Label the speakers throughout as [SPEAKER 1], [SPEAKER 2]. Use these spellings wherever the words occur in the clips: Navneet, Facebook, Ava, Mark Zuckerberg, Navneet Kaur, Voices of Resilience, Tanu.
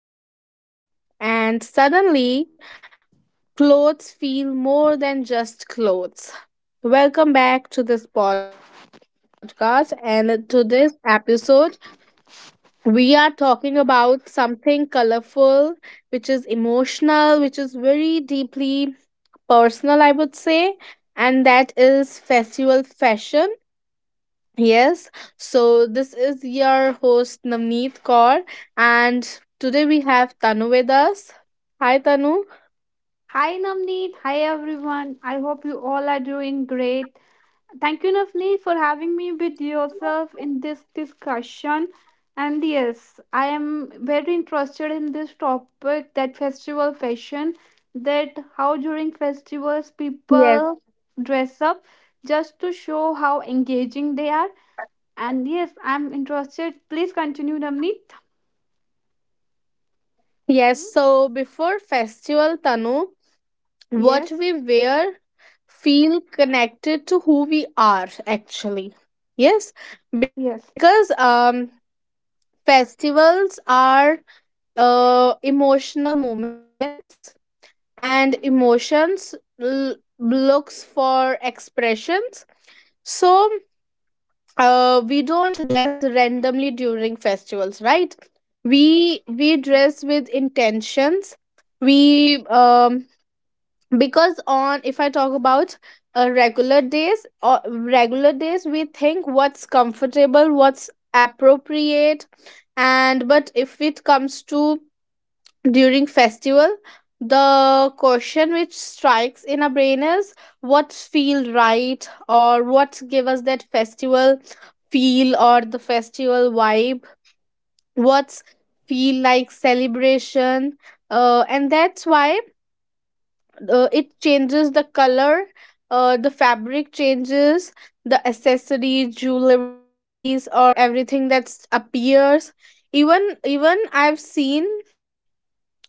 [SPEAKER 1] dressing differently, and suddenly, clothes feel more than just clothes. Welcome back to this podcast and to this episode. We are talking about something colorful, which is emotional, which is very deeply personal, I would say, and that is festival fashion. Yes, so this is your host Navneet Kaur, and today we have Tanu with us. Hi, Tanu.
[SPEAKER 2] Hi Navneet, hi everyone. I hope you all are doing great. Thank you Navneet for having me with yourself in this discussion. And yes, I am very interested in this topic that festival fashion, that how during festivals
[SPEAKER 1] Yes,
[SPEAKER 2] people dress up just to show how engaging they are. And yes, I'm interested. Please continue Navneet.
[SPEAKER 1] yes.
[SPEAKER 2] Hmm?
[SPEAKER 1] So before festival, Tanu,
[SPEAKER 2] Yes,
[SPEAKER 1] what we wear feel connected to who we are actually. Yes,
[SPEAKER 2] yes.
[SPEAKER 1] because festivals are emotional moments and emotions looks for expressions. So we don't dress randomly during festivals, right? We dress with intentions. We Because on if I talk about regular days, or regular days, we think what's comfortable, what's appropriate. And but if it comes to during festival, the question which strikes in our brain is what feel right, or what give us that festival feel or the festival vibe, what's feel like celebration. And that's why it changes the color, the fabric changes, the accessories, jewelries, or everything that's appears. Even I've seen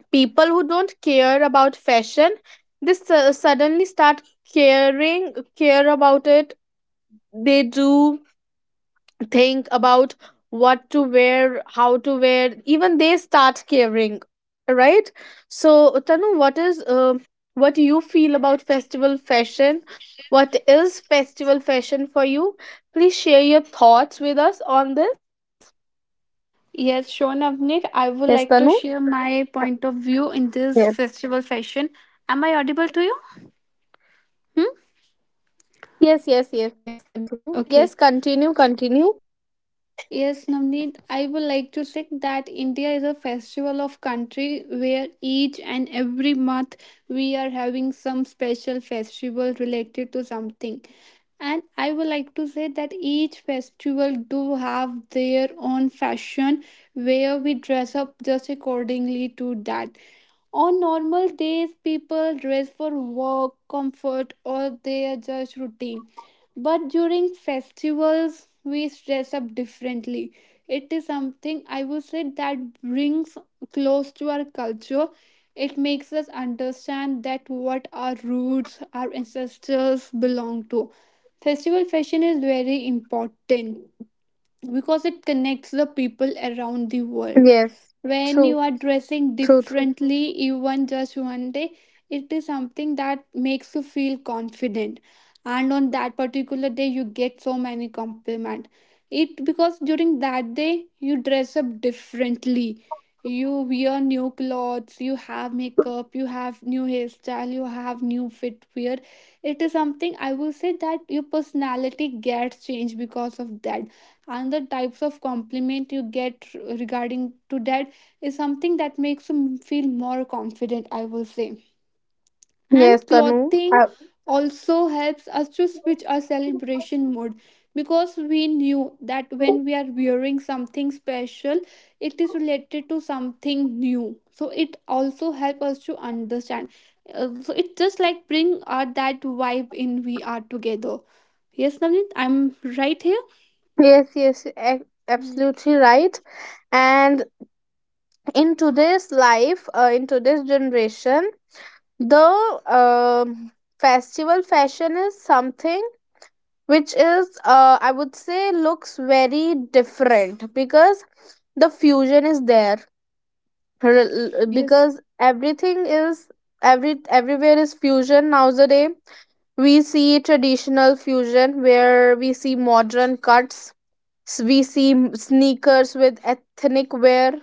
[SPEAKER 1] people who don't care about fashion, they suddenly start caring care about it. They do think about what to wear, how to wear, even they start caring, right? So Tanu, what is what do you feel about festival fashion? What is festival fashion for you? Please share your thoughts with us on this.
[SPEAKER 2] Yes, sure, Navneet.
[SPEAKER 1] Yes,
[SPEAKER 2] I
[SPEAKER 1] Tanu.
[SPEAKER 2] would like to share my point of view in
[SPEAKER 1] yes
[SPEAKER 2] this festival fashion. Am I audible to you? Hmm?
[SPEAKER 1] yes yes yes yes Continue, yes,
[SPEAKER 2] Okay.
[SPEAKER 1] continue, continue.
[SPEAKER 2] Yes, Navneet, I would like to say that India is a festival of country where each and every month we are having some special festival related to something. And I would like to say that each festival do have their own fashion where we dress up just accordingly to that. On normal days, people dress for work, comfort, or their just routine. But during festivals, we dress up differently. It is something I would say that brings close to our culture. It makes us understand that what our roots, our ancestors belong to. Festival fashion is very important because it connects the people around the world.
[SPEAKER 1] Yes,
[SPEAKER 2] When
[SPEAKER 1] true,
[SPEAKER 2] you are dressing
[SPEAKER 1] true, true.
[SPEAKER 2] differently, even just one day, it is something that makes you feel confident. And on that particular day, you get so many compliment. It because during that day you dress up differently. You wear new clothes, you have makeup, you have new hairstyle, you have new footwear. It is something I will say that your personality gets changed because of that another types of compliment you get regarding to that is something that makes you feel more confident I will say. And
[SPEAKER 1] Yes, Tanu.
[SPEAKER 2] clothing also helps us to switch our celebration mode because we knew that when we are wearing something special it is related to something new, so it also helps us to understand. So it just like bring our that vibe in we are together. Yes Navneet, I'm right here.
[SPEAKER 1] Yes, yes,
[SPEAKER 2] Mm.
[SPEAKER 1] absolutely right. And in today's life, in today's generation, the um festival fashion is something which is, I would say, looks very different because the fusion is there.
[SPEAKER 2] Yes,
[SPEAKER 1] Because everything is, everywhere is fusion nowadays. We see traditional fusion, where we see modern cuts. We see sneakers with ethnic wear,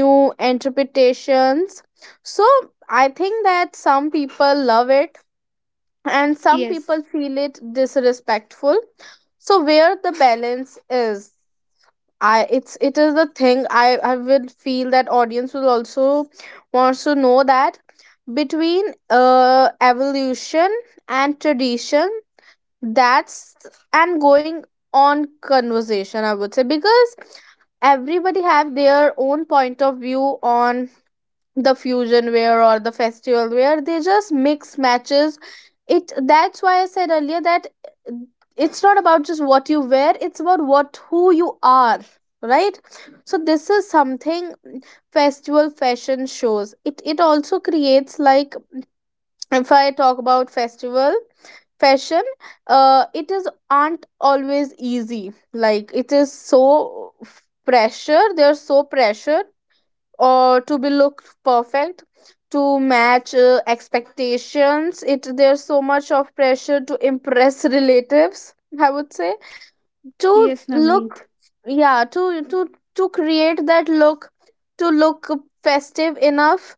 [SPEAKER 1] new interpretations. So I think that some people love it and some
[SPEAKER 2] yes.
[SPEAKER 1] people feel it disrespectful. So where the balance is, I, it is the thing I will feel that audience will also wants to know that, between evolution and tradition. That's and going on conversation, I would say, because everybody have their own point of view on the fusion wear or the festival wear. They just mix matches it. That's why I said earlier that it's not about just what you wear, it's about what who you are, right? So this is something festival fashion shows. It also creates, like, if I talk about festival fashion, it is aren't always easy. Like, it is so pressure, they're so pressure or to be look perfect, to match expectations. It There's so much of pressure to impress relatives, I would say, to
[SPEAKER 2] Yes,
[SPEAKER 1] look,
[SPEAKER 2] Navneet.
[SPEAKER 1] yeah, to create that look, to look festive enough.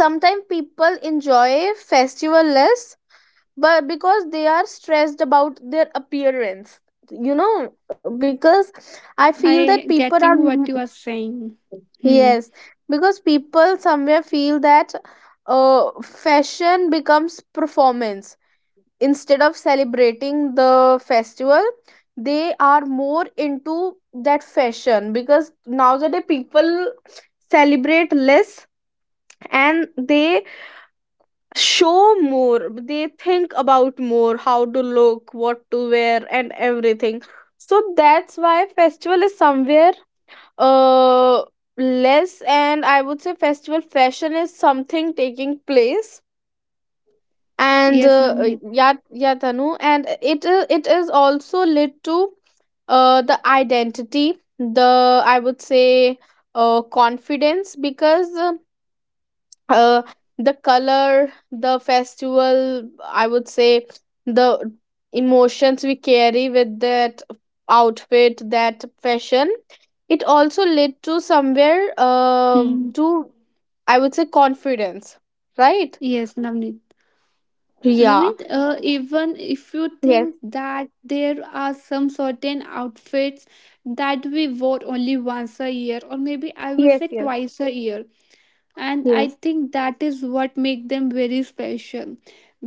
[SPEAKER 1] Sometimes people enjoy festival less, but because they are stressed about their appearance, you know, because I feel that
[SPEAKER 2] I
[SPEAKER 1] people are
[SPEAKER 2] getting what you are saying. Hmm.
[SPEAKER 1] Yes, because people somewhere feel that fashion becomes performance. Instead of celebrating the festival, they are more into that fashion, because nowadays people celebrate less and they show more. They think about more how to look, what to wear, and everything. So that's why festival is somewhere uh less, and I would say festival fashion is something taking place. And
[SPEAKER 2] Yes, Navneet.
[SPEAKER 1] yeah, yeah, Tanu, and it is also led to the identity, the, I would say, confidence, because uh, the color, the festival, I would say, the emotions we carry with that outfit, that fashion, it also led to somewhere
[SPEAKER 2] Hmm.
[SPEAKER 1] to, I would say, confidence, right?
[SPEAKER 2] Yes, Navneet.
[SPEAKER 1] Yeah.
[SPEAKER 2] Navneet, even if you
[SPEAKER 1] Yes,
[SPEAKER 2] think that there are some certain outfits that we vote only once a year, or maybe I will
[SPEAKER 1] yes,
[SPEAKER 2] say
[SPEAKER 1] yes,
[SPEAKER 2] twice a year, and I
[SPEAKER 1] yes.
[SPEAKER 2] think that is what make them very special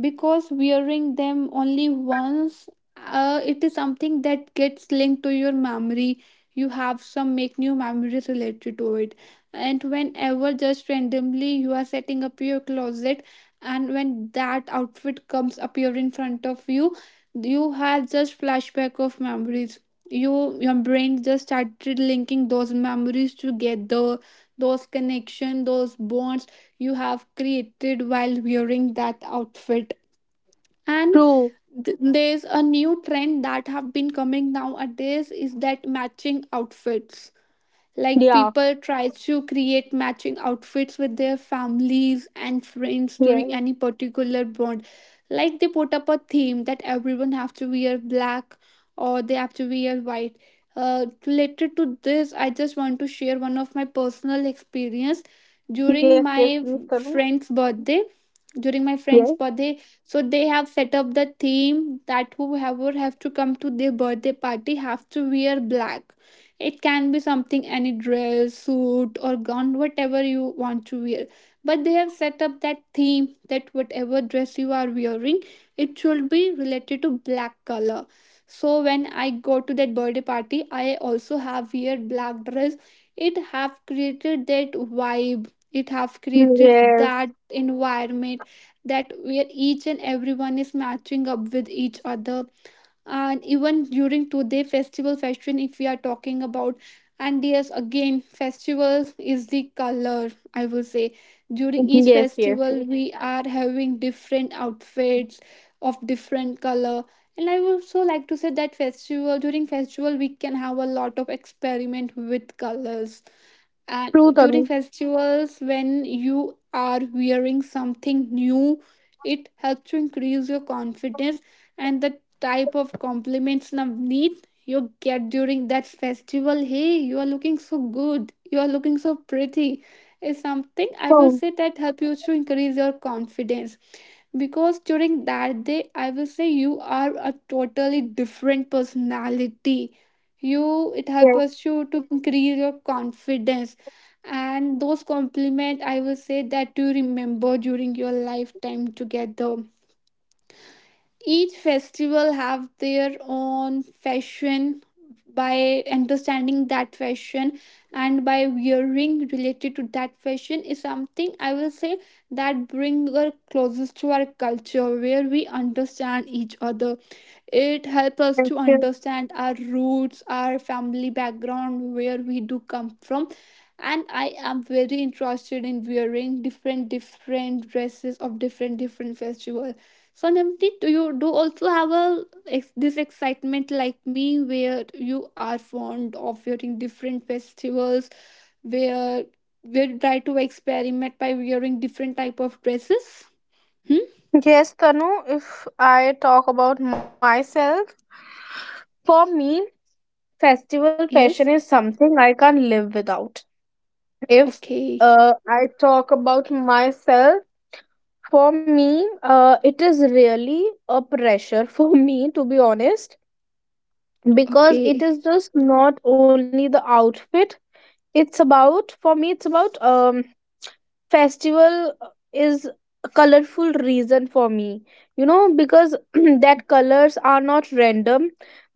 [SPEAKER 2] because wearing them only once, it is something that gets linked to your memory. You have some make new memories related to it, and whenever just randomly you are setting up your closet and when that outfit comes appear in front of you, you have just flashback of memories. You your brain just started linking those memories together, those connection those bonds you have created while wearing that outfit. And
[SPEAKER 1] True.
[SPEAKER 2] there's a new trend that have been coming nowadays is that matching outfits, like
[SPEAKER 1] Yeah,
[SPEAKER 2] people try to create matching outfits with their families and friends during
[SPEAKER 1] yes,
[SPEAKER 2] any particular bond. Like they put up a theme that everyone have to wear black or they have to wear white. Related to this, I just want to share one of my personal experience
[SPEAKER 1] yes,
[SPEAKER 2] during
[SPEAKER 1] yes, please,
[SPEAKER 2] my
[SPEAKER 1] Tanu.
[SPEAKER 2] friend's birthday. During my friend's
[SPEAKER 1] Yes,
[SPEAKER 2] birthday, so they have set up the theme that whoever have to come to their birthday party have to wear black. It can be something any dress, suit, or gown, whatever you want to wear. But they have set up that theme that whatever dress you are wearing, it should be related to black color. So when I go to that birthday party, I also have wear black dress. It have created that vibe. It have created
[SPEAKER 1] yes,
[SPEAKER 2] that environment that where each and everyone is matching up with each other. And even during today festival fashion if we are talking about, and yes again festival is the color I will say. During each
[SPEAKER 1] yes, yes,
[SPEAKER 2] festival
[SPEAKER 1] yes.
[SPEAKER 2] we are having different outfits of different color, and I would also like to say that festival during festival we can have a lot of experiment with colors. And
[SPEAKER 1] True,
[SPEAKER 2] during
[SPEAKER 1] Tanu.
[SPEAKER 2] festivals when you are wearing something new, it helps to increase your confidence and the type of compliments and need you get during that festival. Hey, you are looking so good. You are looking so pretty. Is something I will
[SPEAKER 1] True.
[SPEAKER 2] say that help you to increase your confidence because during that day I will say you are a totally different personality. You it helps
[SPEAKER 1] Yes,
[SPEAKER 2] us you to increase your confidence, and those compliment I will say that you remember during your lifetime together. Each festival have their own fashion. By understanding that fashion and by wearing related to that fashion is something I will say that bring us closest to our culture where we understand each other. It helps us
[SPEAKER 1] yes,
[SPEAKER 2] to
[SPEAKER 1] yes.
[SPEAKER 2] understand our roots, our family background, where we do come from. And I am very interested in wearing different different dresses of different different festival. So Namdi, do you do also have a this excitement like me where you are fond of wearing different festivals where we try to experiment by wearing different type of dresses? Hmm?
[SPEAKER 1] Yes, Tanu, if I talk about myself, for me festival fashion
[SPEAKER 2] Yes.
[SPEAKER 1] is something I can't live without. If
[SPEAKER 2] Okay.
[SPEAKER 1] I talk about myself, for me, it is really a pressure for me, to be honest, because it
[SPEAKER 2] Okay.
[SPEAKER 1] is just not only the outfit. It's about, for me, it's about festival is a colorful reason for me, you know, because that colors are not random,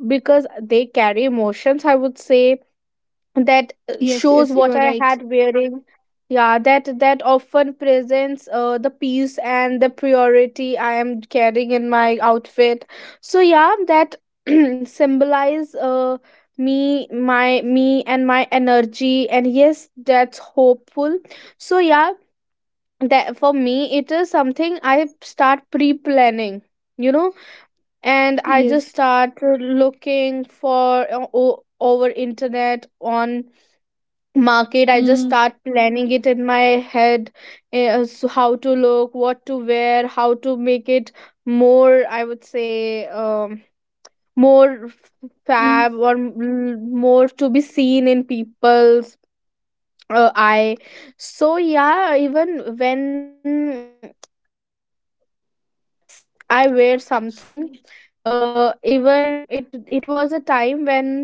[SPEAKER 1] because they carry emotions, I would say, that
[SPEAKER 2] Yes,
[SPEAKER 1] shows
[SPEAKER 2] yes, you
[SPEAKER 1] what
[SPEAKER 2] are
[SPEAKER 1] I
[SPEAKER 2] right.
[SPEAKER 1] had wearing. Yeah, that often presents the peace and the priority I am carrying in my outfit. So yeah, that symbolize me, my me and my energy, and yes, that's hopeful. So yeah, that for me it is something I start pre-planning. You know, and I just
[SPEAKER 2] Yes.
[SPEAKER 1] start looking for, over internet, on market. I just
[SPEAKER 2] Mm,
[SPEAKER 1] start planning it in my head. So how to look, what to wear, how to make it more, I would say, more
[SPEAKER 2] mm.
[SPEAKER 1] fab, or more to be seen in people's eye. So yeah, even when I wear something, even it was a time when,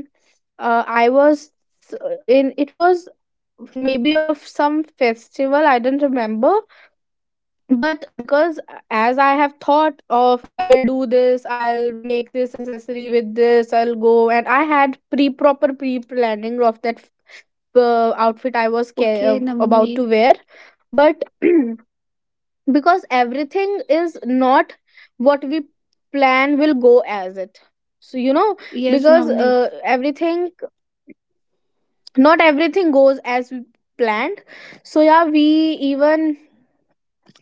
[SPEAKER 1] I was, in it was maybe of some festival, I don't remember, but because, as I have thought of, I will do this, I'll make this accessory with this, I'll go, and I had pre planning of that outfit I was
[SPEAKER 2] Okay,
[SPEAKER 1] about
[SPEAKER 2] Navneet.
[SPEAKER 1] to wear. But because everything is not what we plan will go as it, so you know,
[SPEAKER 2] Yes,
[SPEAKER 1] because
[SPEAKER 2] Navneet.
[SPEAKER 1] everything, not everything goes as we planned. So yeah, we even,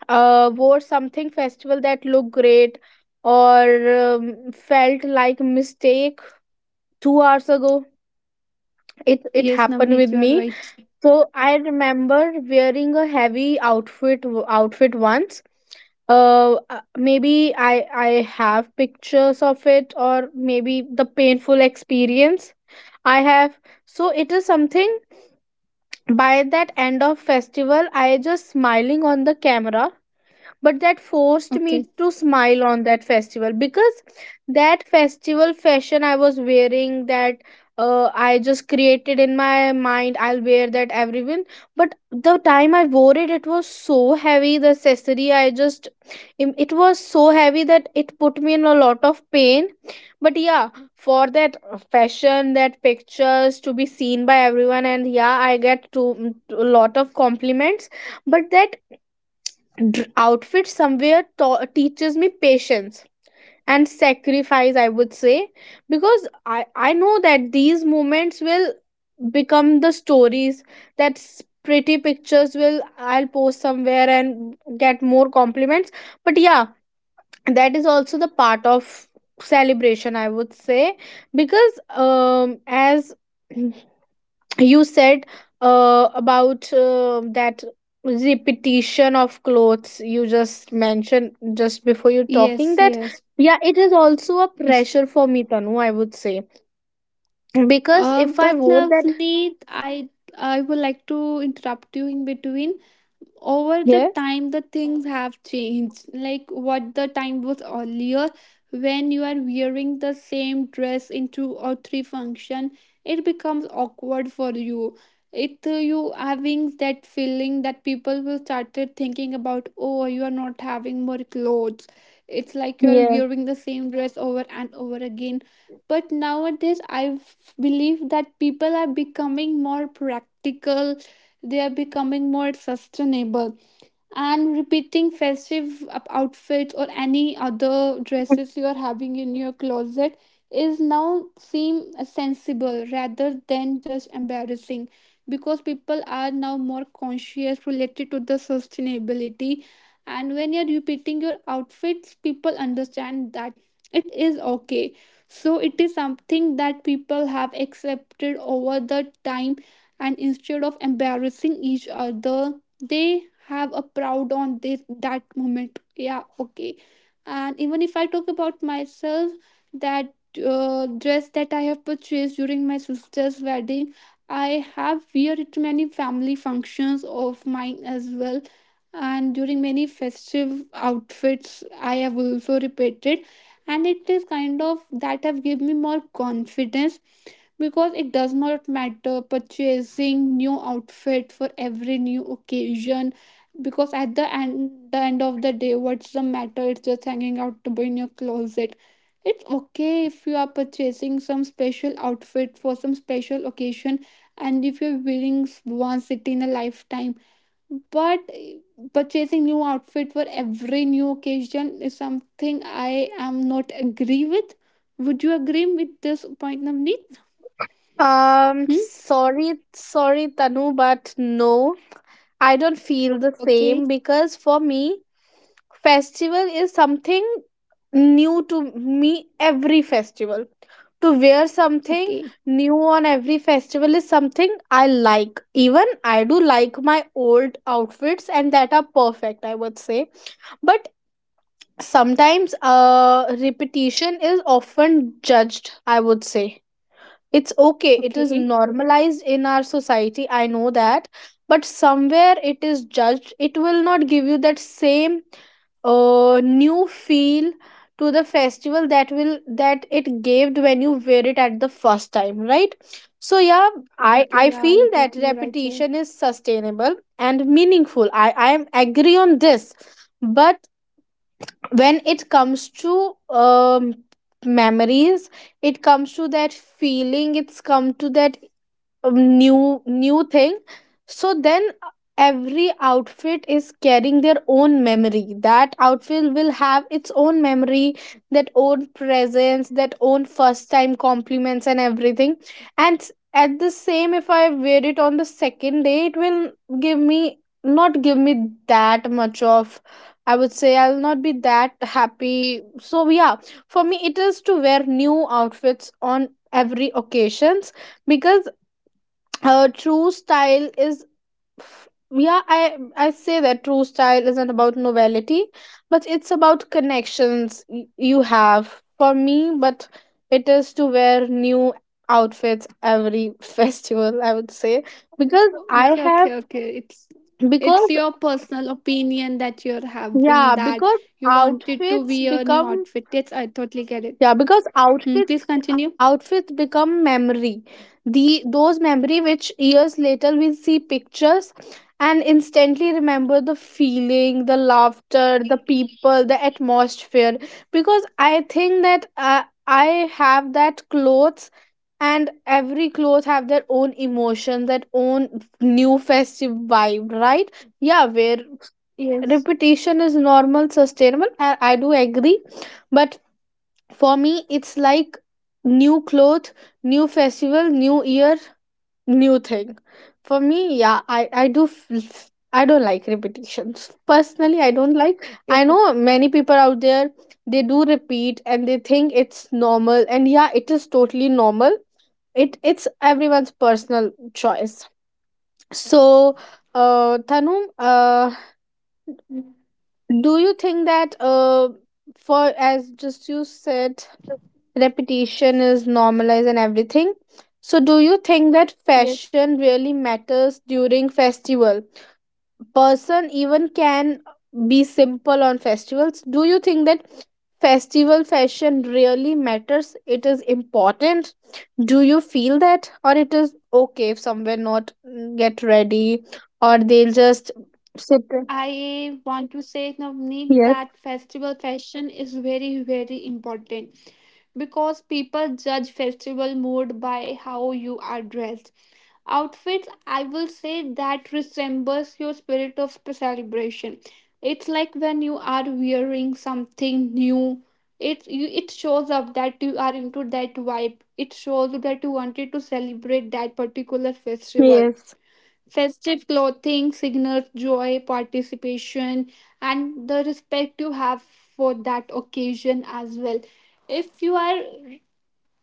[SPEAKER 1] wore something festival that looked great, or felt like mistake 2 hours ago. It
[SPEAKER 2] Yes,
[SPEAKER 1] happened
[SPEAKER 2] Navneet,
[SPEAKER 1] with
[SPEAKER 2] you are
[SPEAKER 1] me.
[SPEAKER 2] right.
[SPEAKER 1] So I remember wearing a heavy outfit once, uh uh, maybe I have pictures of it, or maybe the painful experience I have. So it is something, by that end of festival I just smiling on the camera, but that forced me
[SPEAKER 2] Okay.
[SPEAKER 1] to smile on that festival. Because that festival fashion I was wearing, that, I just created in my mind, I'll wear that, everyone. But the time I wore it, it was so heavy, the accessory. It was so heavy that it put me in a lot of pain. But yeah, for that fashion, that pictures to be seen by everyone, and yeah, I get to, to a lot of compliments. But that outfit somewhere teaches me patience and sacrifice, I would say, because I know that these moments will become the stories, that pretty pictures will, I'll post somewhere and get more compliments. But yeah, that is also the part of celebration, I would say. Because as you said, about that repetition of clothes you just mentioned just before you talking
[SPEAKER 2] Yes,
[SPEAKER 1] that.
[SPEAKER 2] yes.
[SPEAKER 1] Yeah, it is also a
[SPEAKER 2] Yes.
[SPEAKER 1] pressure for me, Tanu, I would say, because if I
[SPEAKER 2] But
[SPEAKER 1] wore that,
[SPEAKER 2] Navneet, I would like to interrupt you in between. Over the
[SPEAKER 1] yes
[SPEAKER 2] time the things have changed, like what the time was earlier when you are wearing the same dress in two or three function, it becomes awkward for you. It, you having that feeling that people will started thinking about, oh you are not having more clothes, it's like you are
[SPEAKER 1] yes.
[SPEAKER 2] wearing the same dress over and over again. But nowadays I believe that people are becoming more practical, they are becoming more sustainable, and repeating festive outfits or any other dresses you are having in your closet is now seem sensible rather than just embarrassing, because people are now more conscious related to the sustainability. And when you're repeating your outfits people understand that it is okay. So it is something that people have accepted over the time, and instead of embarrassing each other they have a proud on this that moment, yeah okay. And even if I talk about myself, that dress that I have purchased during my sister's wedding, I have wear it to many family functions of mine as well, and during many festive outfits I have also repeated. And it is kind of that have given me more confidence because it does not matter purchasing new outfit for every new occasion, because at the end of the day what's the matter, it's just hanging out to in your closet. It's okay if you are purchasing some special outfit for some special occasion, and if you're wearing once it in a lifetime. But purchasing new outfit for every new occasion is something I am not agree with. Would you agree with this point Navneet?
[SPEAKER 1] Sorry, sorry, Tanu, but no, I don't feel the
[SPEAKER 2] Okay,
[SPEAKER 1] same, because for me, festival is something new to me every festival. To wear something
[SPEAKER 2] okay,
[SPEAKER 1] new on every festival is something I like. Even I do like my old outfits, and that are perfect, I would say. But sometimes, repetition is often judged, I would say. It's okay, it is
[SPEAKER 2] okay,
[SPEAKER 1] normalized in our society, I know that, but somewhere it is judged. It will not give you that same new feel to the festival that will that it gave when you wear it at the first time, right? So yeah, i
[SPEAKER 2] okay.
[SPEAKER 1] i
[SPEAKER 2] Yeah,
[SPEAKER 1] feel
[SPEAKER 2] you're
[SPEAKER 1] that
[SPEAKER 2] totally right here.
[SPEAKER 1] repetition is sustainable and meaningful. I am agree on this. But when it comes to memories, it comes to that feeling, it's come to that new thing. So then, every outfit is carrying their own memory. That outfit will have its own memory, that own presence, that own first time compliments and everything. And at the same, if I wear it on the second day, it will give me, not give me that much of, I would say, I'll not be that happy. So yeah, for me it is to wear new outfits on every occasions. Because true style is, yeah, I say that true style isn't about novelty, but it's about connections you have, for me. But it is to wear new outfits every festival, I would say, because I
[SPEAKER 2] Okay,
[SPEAKER 1] have,
[SPEAKER 2] okay. It's
[SPEAKER 1] because,
[SPEAKER 2] your personal opinion that you're having
[SPEAKER 1] yeah,
[SPEAKER 2] that
[SPEAKER 1] because
[SPEAKER 2] you wanted to
[SPEAKER 1] outfits
[SPEAKER 2] wear a new
[SPEAKER 1] become,
[SPEAKER 2] outfit. Yes, I totally get it.
[SPEAKER 1] yeah, because
[SPEAKER 2] Hmm,
[SPEAKER 1] outfits
[SPEAKER 2] please continue.
[SPEAKER 1] outfits become memory. The those memory which years later we'll see pictures and instantly remember the feeling, the laughter, the people, the atmosphere. Because I think that, I have that clothes, and every clothes have their own emotion, that own new festive vibe, right? Yeah, where
[SPEAKER 2] Yes.
[SPEAKER 1] repetition is normal, sustainable. I do agree but for me, it's like new cloth, new festival, new year, new thing. For me, yeah, I don't like repetitions. Personally, I don't like. I
[SPEAKER 2] Okay.
[SPEAKER 1] know many people out there they do repeat and they think it's normal and yeah, it is totally normal. It's everyone's personal choice. So, Tanum,
[SPEAKER 2] Mm,
[SPEAKER 1] do you think that for as just you said
[SPEAKER 2] so-
[SPEAKER 1] repetition is normalized and everything, so do you think that
[SPEAKER 2] Yes.
[SPEAKER 1] fashion really matters during festival? Person even can be simple on festivals. Do you think that festival fashion really matters, it is important? Do you feel that, or it is okay if somewhere not get ready or they'll just sit there?
[SPEAKER 2] I want to say, Navneet,
[SPEAKER 1] Yes,
[SPEAKER 2] that festival fashion is very, very important because people judge festival mood by how you are dressed. Outfits I will say that resembles your spirit of the celebration. It's like when you are wearing something new, it you, it shows up that you are into that vibe, it shows you that you wanted to celebrate that particular festival.
[SPEAKER 1] yes,
[SPEAKER 2] Festive clothing signals joy participation and the respect you have for that occasion as well. If you are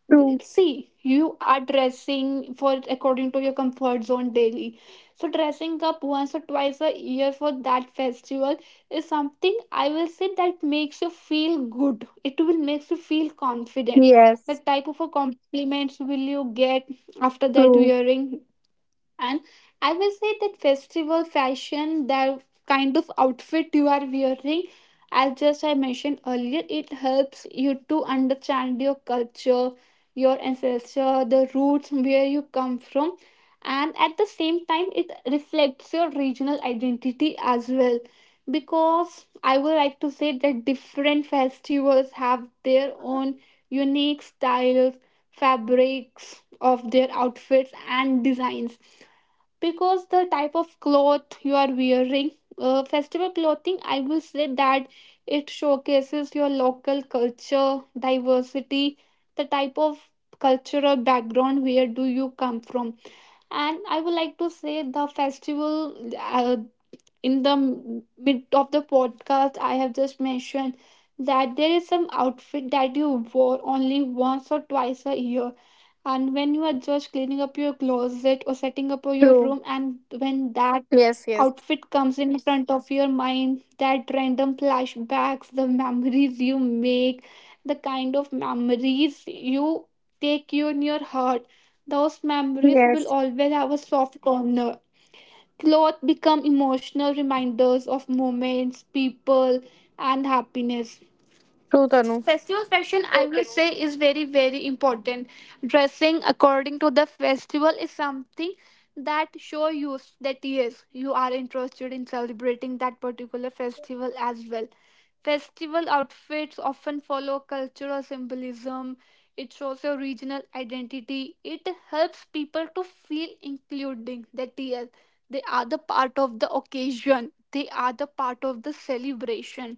[SPEAKER 1] true,
[SPEAKER 2] see you are dressing for according to your comfort zone daily, so dressing up once or twice a year for that festival is something I will say that makes you feel good, it will makes you feel confident. The
[SPEAKER 1] yes,
[SPEAKER 2] type of a compliments will you get after that
[SPEAKER 1] true,
[SPEAKER 2] wearing, and I will say that festival fashion, that kind of outfit you are wearing, as just I mentioned earlier, it helps you to understand your culture, your ancestor, the roots where you come from. And at the same time, it reflects your regional identity as well. Because I would like to say that different festivals have their own unique styles, fabrics of their outfits, and designs, because the type of cloth you are wearing, festival clothing I will say that it showcases your local culture diversity, the type of cultural background where do you come from. And I would like to say the festival, in the mid of the podcast I have just mentioned that there is some outfit that you wore only once or twice a year, and when you are just cleaning up your closet or setting up your
[SPEAKER 1] true,
[SPEAKER 2] room, and when that
[SPEAKER 1] yes, yes,
[SPEAKER 2] outfit comes in front of your mind, that random flashbacks, the memories you make, the kind of memories you take you in your heart, those memories will
[SPEAKER 1] yes.
[SPEAKER 2] always have a soft corner. Clothes become emotional reminders of moments, people, and happiness.
[SPEAKER 1] True, Tanu.
[SPEAKER 2] Fashion, I will say, is very, very important. Dressing according to the festival is something that show you that yes, you are interested in celebrating that particular festival as well. Festival outfits often follow cultural symbolism. It shows your regional identity. It helps people to feel including that yes, they are the part of the occasion. They are the part of the celebration.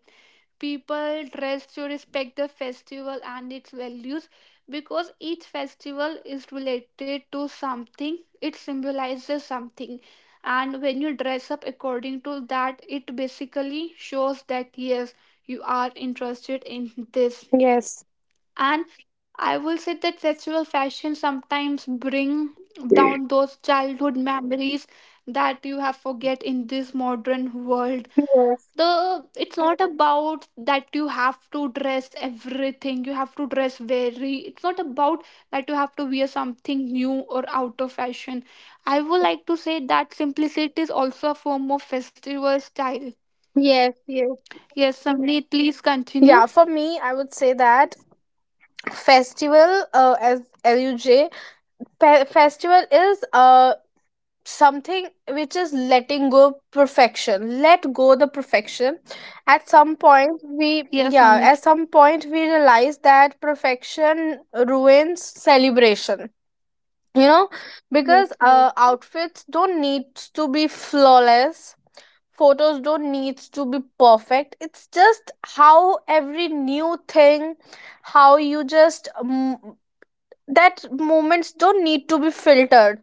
[SPEAKER 2] People dress to respect the festival and its values, because each festival is related to something, it symbolizes something, and when you dress up according to that it basically shows that yes you are interested in this.
[SPEAKER 1] Yes.
[SPEAKER 2] And I will say that festival fashion sometimes bring down those childhood memories that you have forget in this modern world.
[SPEAKER 1] Yes.
[SPEAKER 2] The it's not about that you have to dress everything you have to dress very, it's not about that you have to wear something new or out of fashion. I would like to say that simplicity is also a form of festival style.
[SPEAKER 1] Yes. Yes.
[SPEAKER 2] Yes Samneet, please continue.
[SPEAKER 1] Yeah, for me, I would say that festival, as LUJ, festival is something which is letting go perfection. Let go the perfection. At some point,
[SPEAKER 2] Yes
[SPEAKER 1] at
[SPEAKER 2] Samneet.
[SPEAKER 1] some point we realize that perfection ruins celebration. You know,
[SPEAKER 2] Yes,
[SPEAKER 1] because
[SPEAKER 2] yes. Oh,
[SPEAKER 1] outfits don't need to be flawless, photos don't needs to be perfect. It's just how every new thing, how you just that moments don't need to be filtered.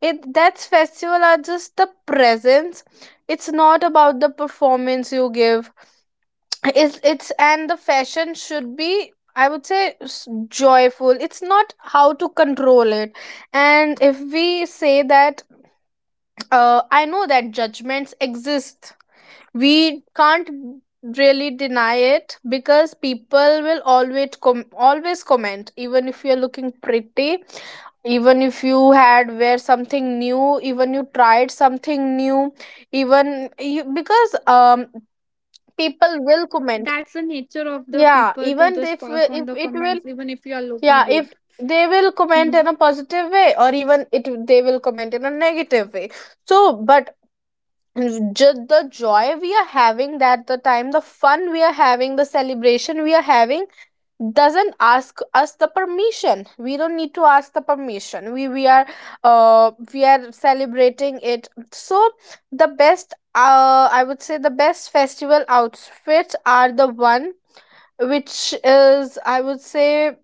[SPEAKER 1] It that's festival are just the presence, it's not about the performance you give. It's and the fashion should be, I would say joyful. It's not how to control it. And if we say that, I know that judgments exist, we can't really deny it, because people will always always comment even if you're looking pretty, even if you had wear something new, even you tried something new, because people will comment.
[SPEAKER 2] that's the nature of the
[SPEAKER 1] yeah
[SPEAKER 2] people to
[SPEAKER 1] even
[SPEAKER 2] just
[SPEAKER 1] if
[SPEAKER 2] pass on
[SPEAKER 1] if
[SPEAKER 2] the
[SPEAKER 1] it will
[SPEAKER 2] comments even if you are looking
[SPEAKER 1] yeah if
[SPEAKER 2] good.
[SPEAKER 1] they will comment in a positive way, or even it they will comment in a negative way. So, but just the joy we are having, that the time the fun we are having, the celebration we are having, doesn't ask us the permission. We don't need to ask the permission. We are we are celebrating it. So the best, I would say the best festival outfits are the one which is, I would say,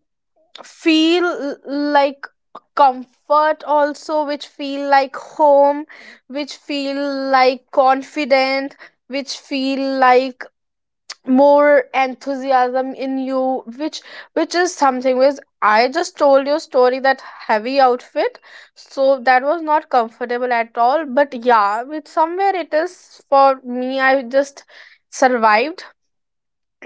[SPEAKER 1] feel like comfort also, which feel like home, which feel like confident, which feel like more enthusiasm in you, which is something which I just told you story, that heavy outfit. So that was not comfortable at all, but yeah, with somewhere it is, for me, I just survived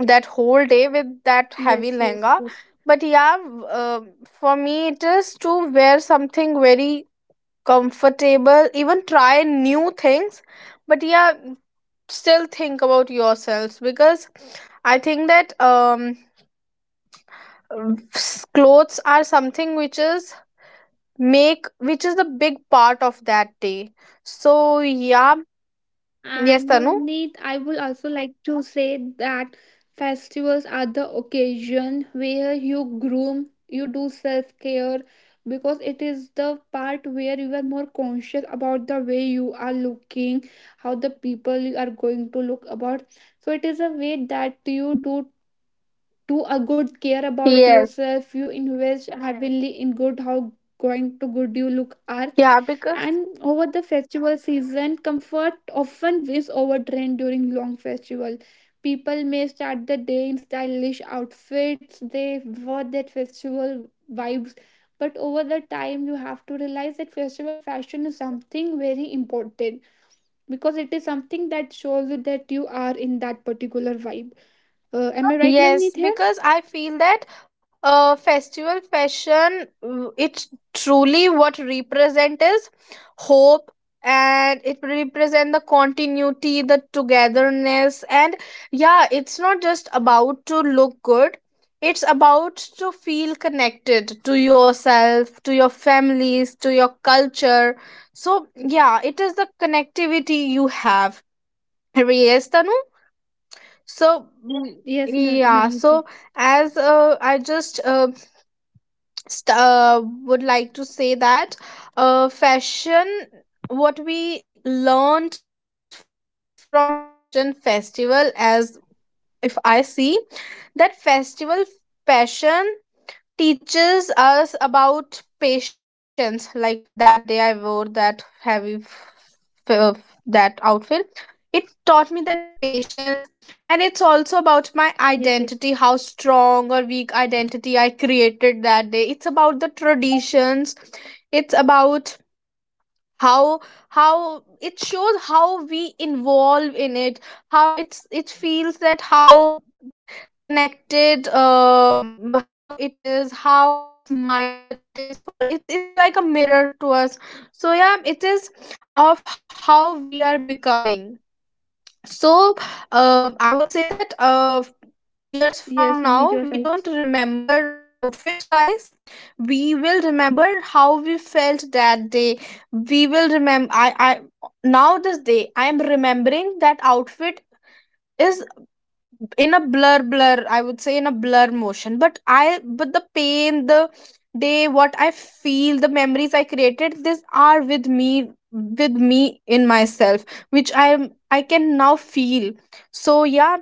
[SPEAKER 1] that whole day with that
[SPEAKER 2] Mhm. Yes,
[SPEAKER 1] heavy
[SPEAKER 2] yes
[SPEAKER 1] lehenga.
[SPEAKER 2] yes
[SPEAKER 1] But yeah, for me it is to wear something very comfortable, even try new things, but yeah, still think about yourselves. Because I think that clothes are something which is make, which is the big part of that day. So yeah. Yes,
[SPEAKER 2] And
[SPEAKER 1] Tanu.
[SPEAKER 2] Navneet, I would also like to say that festivals are the occasion where you groom, you do self care, because it is the part where you are more conscious about the way you are looking, how the people you are going to look about. So it is a way that you do do a good care about
[SPEAKER 1] Yes.
[SPEAKER 2] yourself. You invest heavily in good how going to good you look are.
[SPEAKER 1] Yeah, because.
[SPEAKER 2] And over the festival season, comfort often wins over trend during long festival. People may start the day in stylish outfits, they wear that festival vibes. But over the time, you have to realize that festival fashion is something very important because it is something that shows you that you are in that particular vibe. Am I right, Navneet
[SPEAKER 1] Yes,
[SPEAKER 2] here?
[SPEAKER 1] because I feel that, festival fashion, it truly what represent is hope, and it represent the continuity, the togetherness, and yeah, it's not just about to look good. It's about to feel connected to yourself, to your families, to your culture. So yeah, it is the connectivity you have. Yes, Tanu. So,
[SPEAKER 2] Yes,
[SPEAKER 1] yeah,
[SPEAKER 2] Navneet.
[SPEAKER 1] so as I would like to say that, fashion, what we learned from fashion festival, as if I see that festival fashion teaches us about patience. Like that day I wore that that outfit, it taught me that patience. And
[SPEAKER 2] Yes,
[SPEAKER 1] it's
[SPEAKER 2] yes.
[SPEAKER 1] also about my identity, how strong or weak identity I created that day. It's about the traditions, it's about how how it shows how we involve in it, how it's it feels that how connected, how it is, how it's minor it is for, it's like a mirror to us. So yeah, it is of how we are becoming. So, I would say
[SPEAKER 2] Yes,
[SPEAKER 1] that,
[SPEAKER 2] Navneet, you are right.
[SPEAKER 1] years from now we don't remember outfit, guys. We will remember how we felt that day. We will remember, I now this day I am remembering that outfit is in a blur, I would say in a blur motion, but I but the pain the day what I feel, the memories I created, these are with me, with me in myself, which I am, I can now feel. So yeah,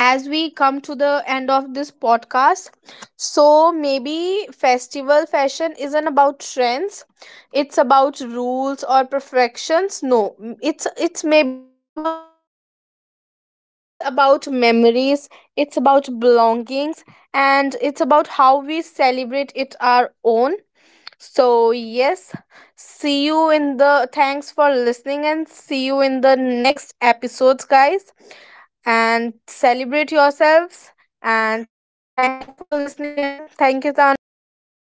[SPEAKER 1] as we come to the end of this podcast, so maybe festival fashion isn't about trends, it's about rules or perfections. No m- It's maybe about
[SPEAKER 2] Yes, Navneet.
[SPEAKER 1] expressions, it's about memories, it's about belongings, and it's about how we celebrate it our own. So, yes, see you in the thanks for listening and see you in the next episodes, guys. And celebrate yourselves. And thank you for listening, and thank you, Tanu. Bye, everybody.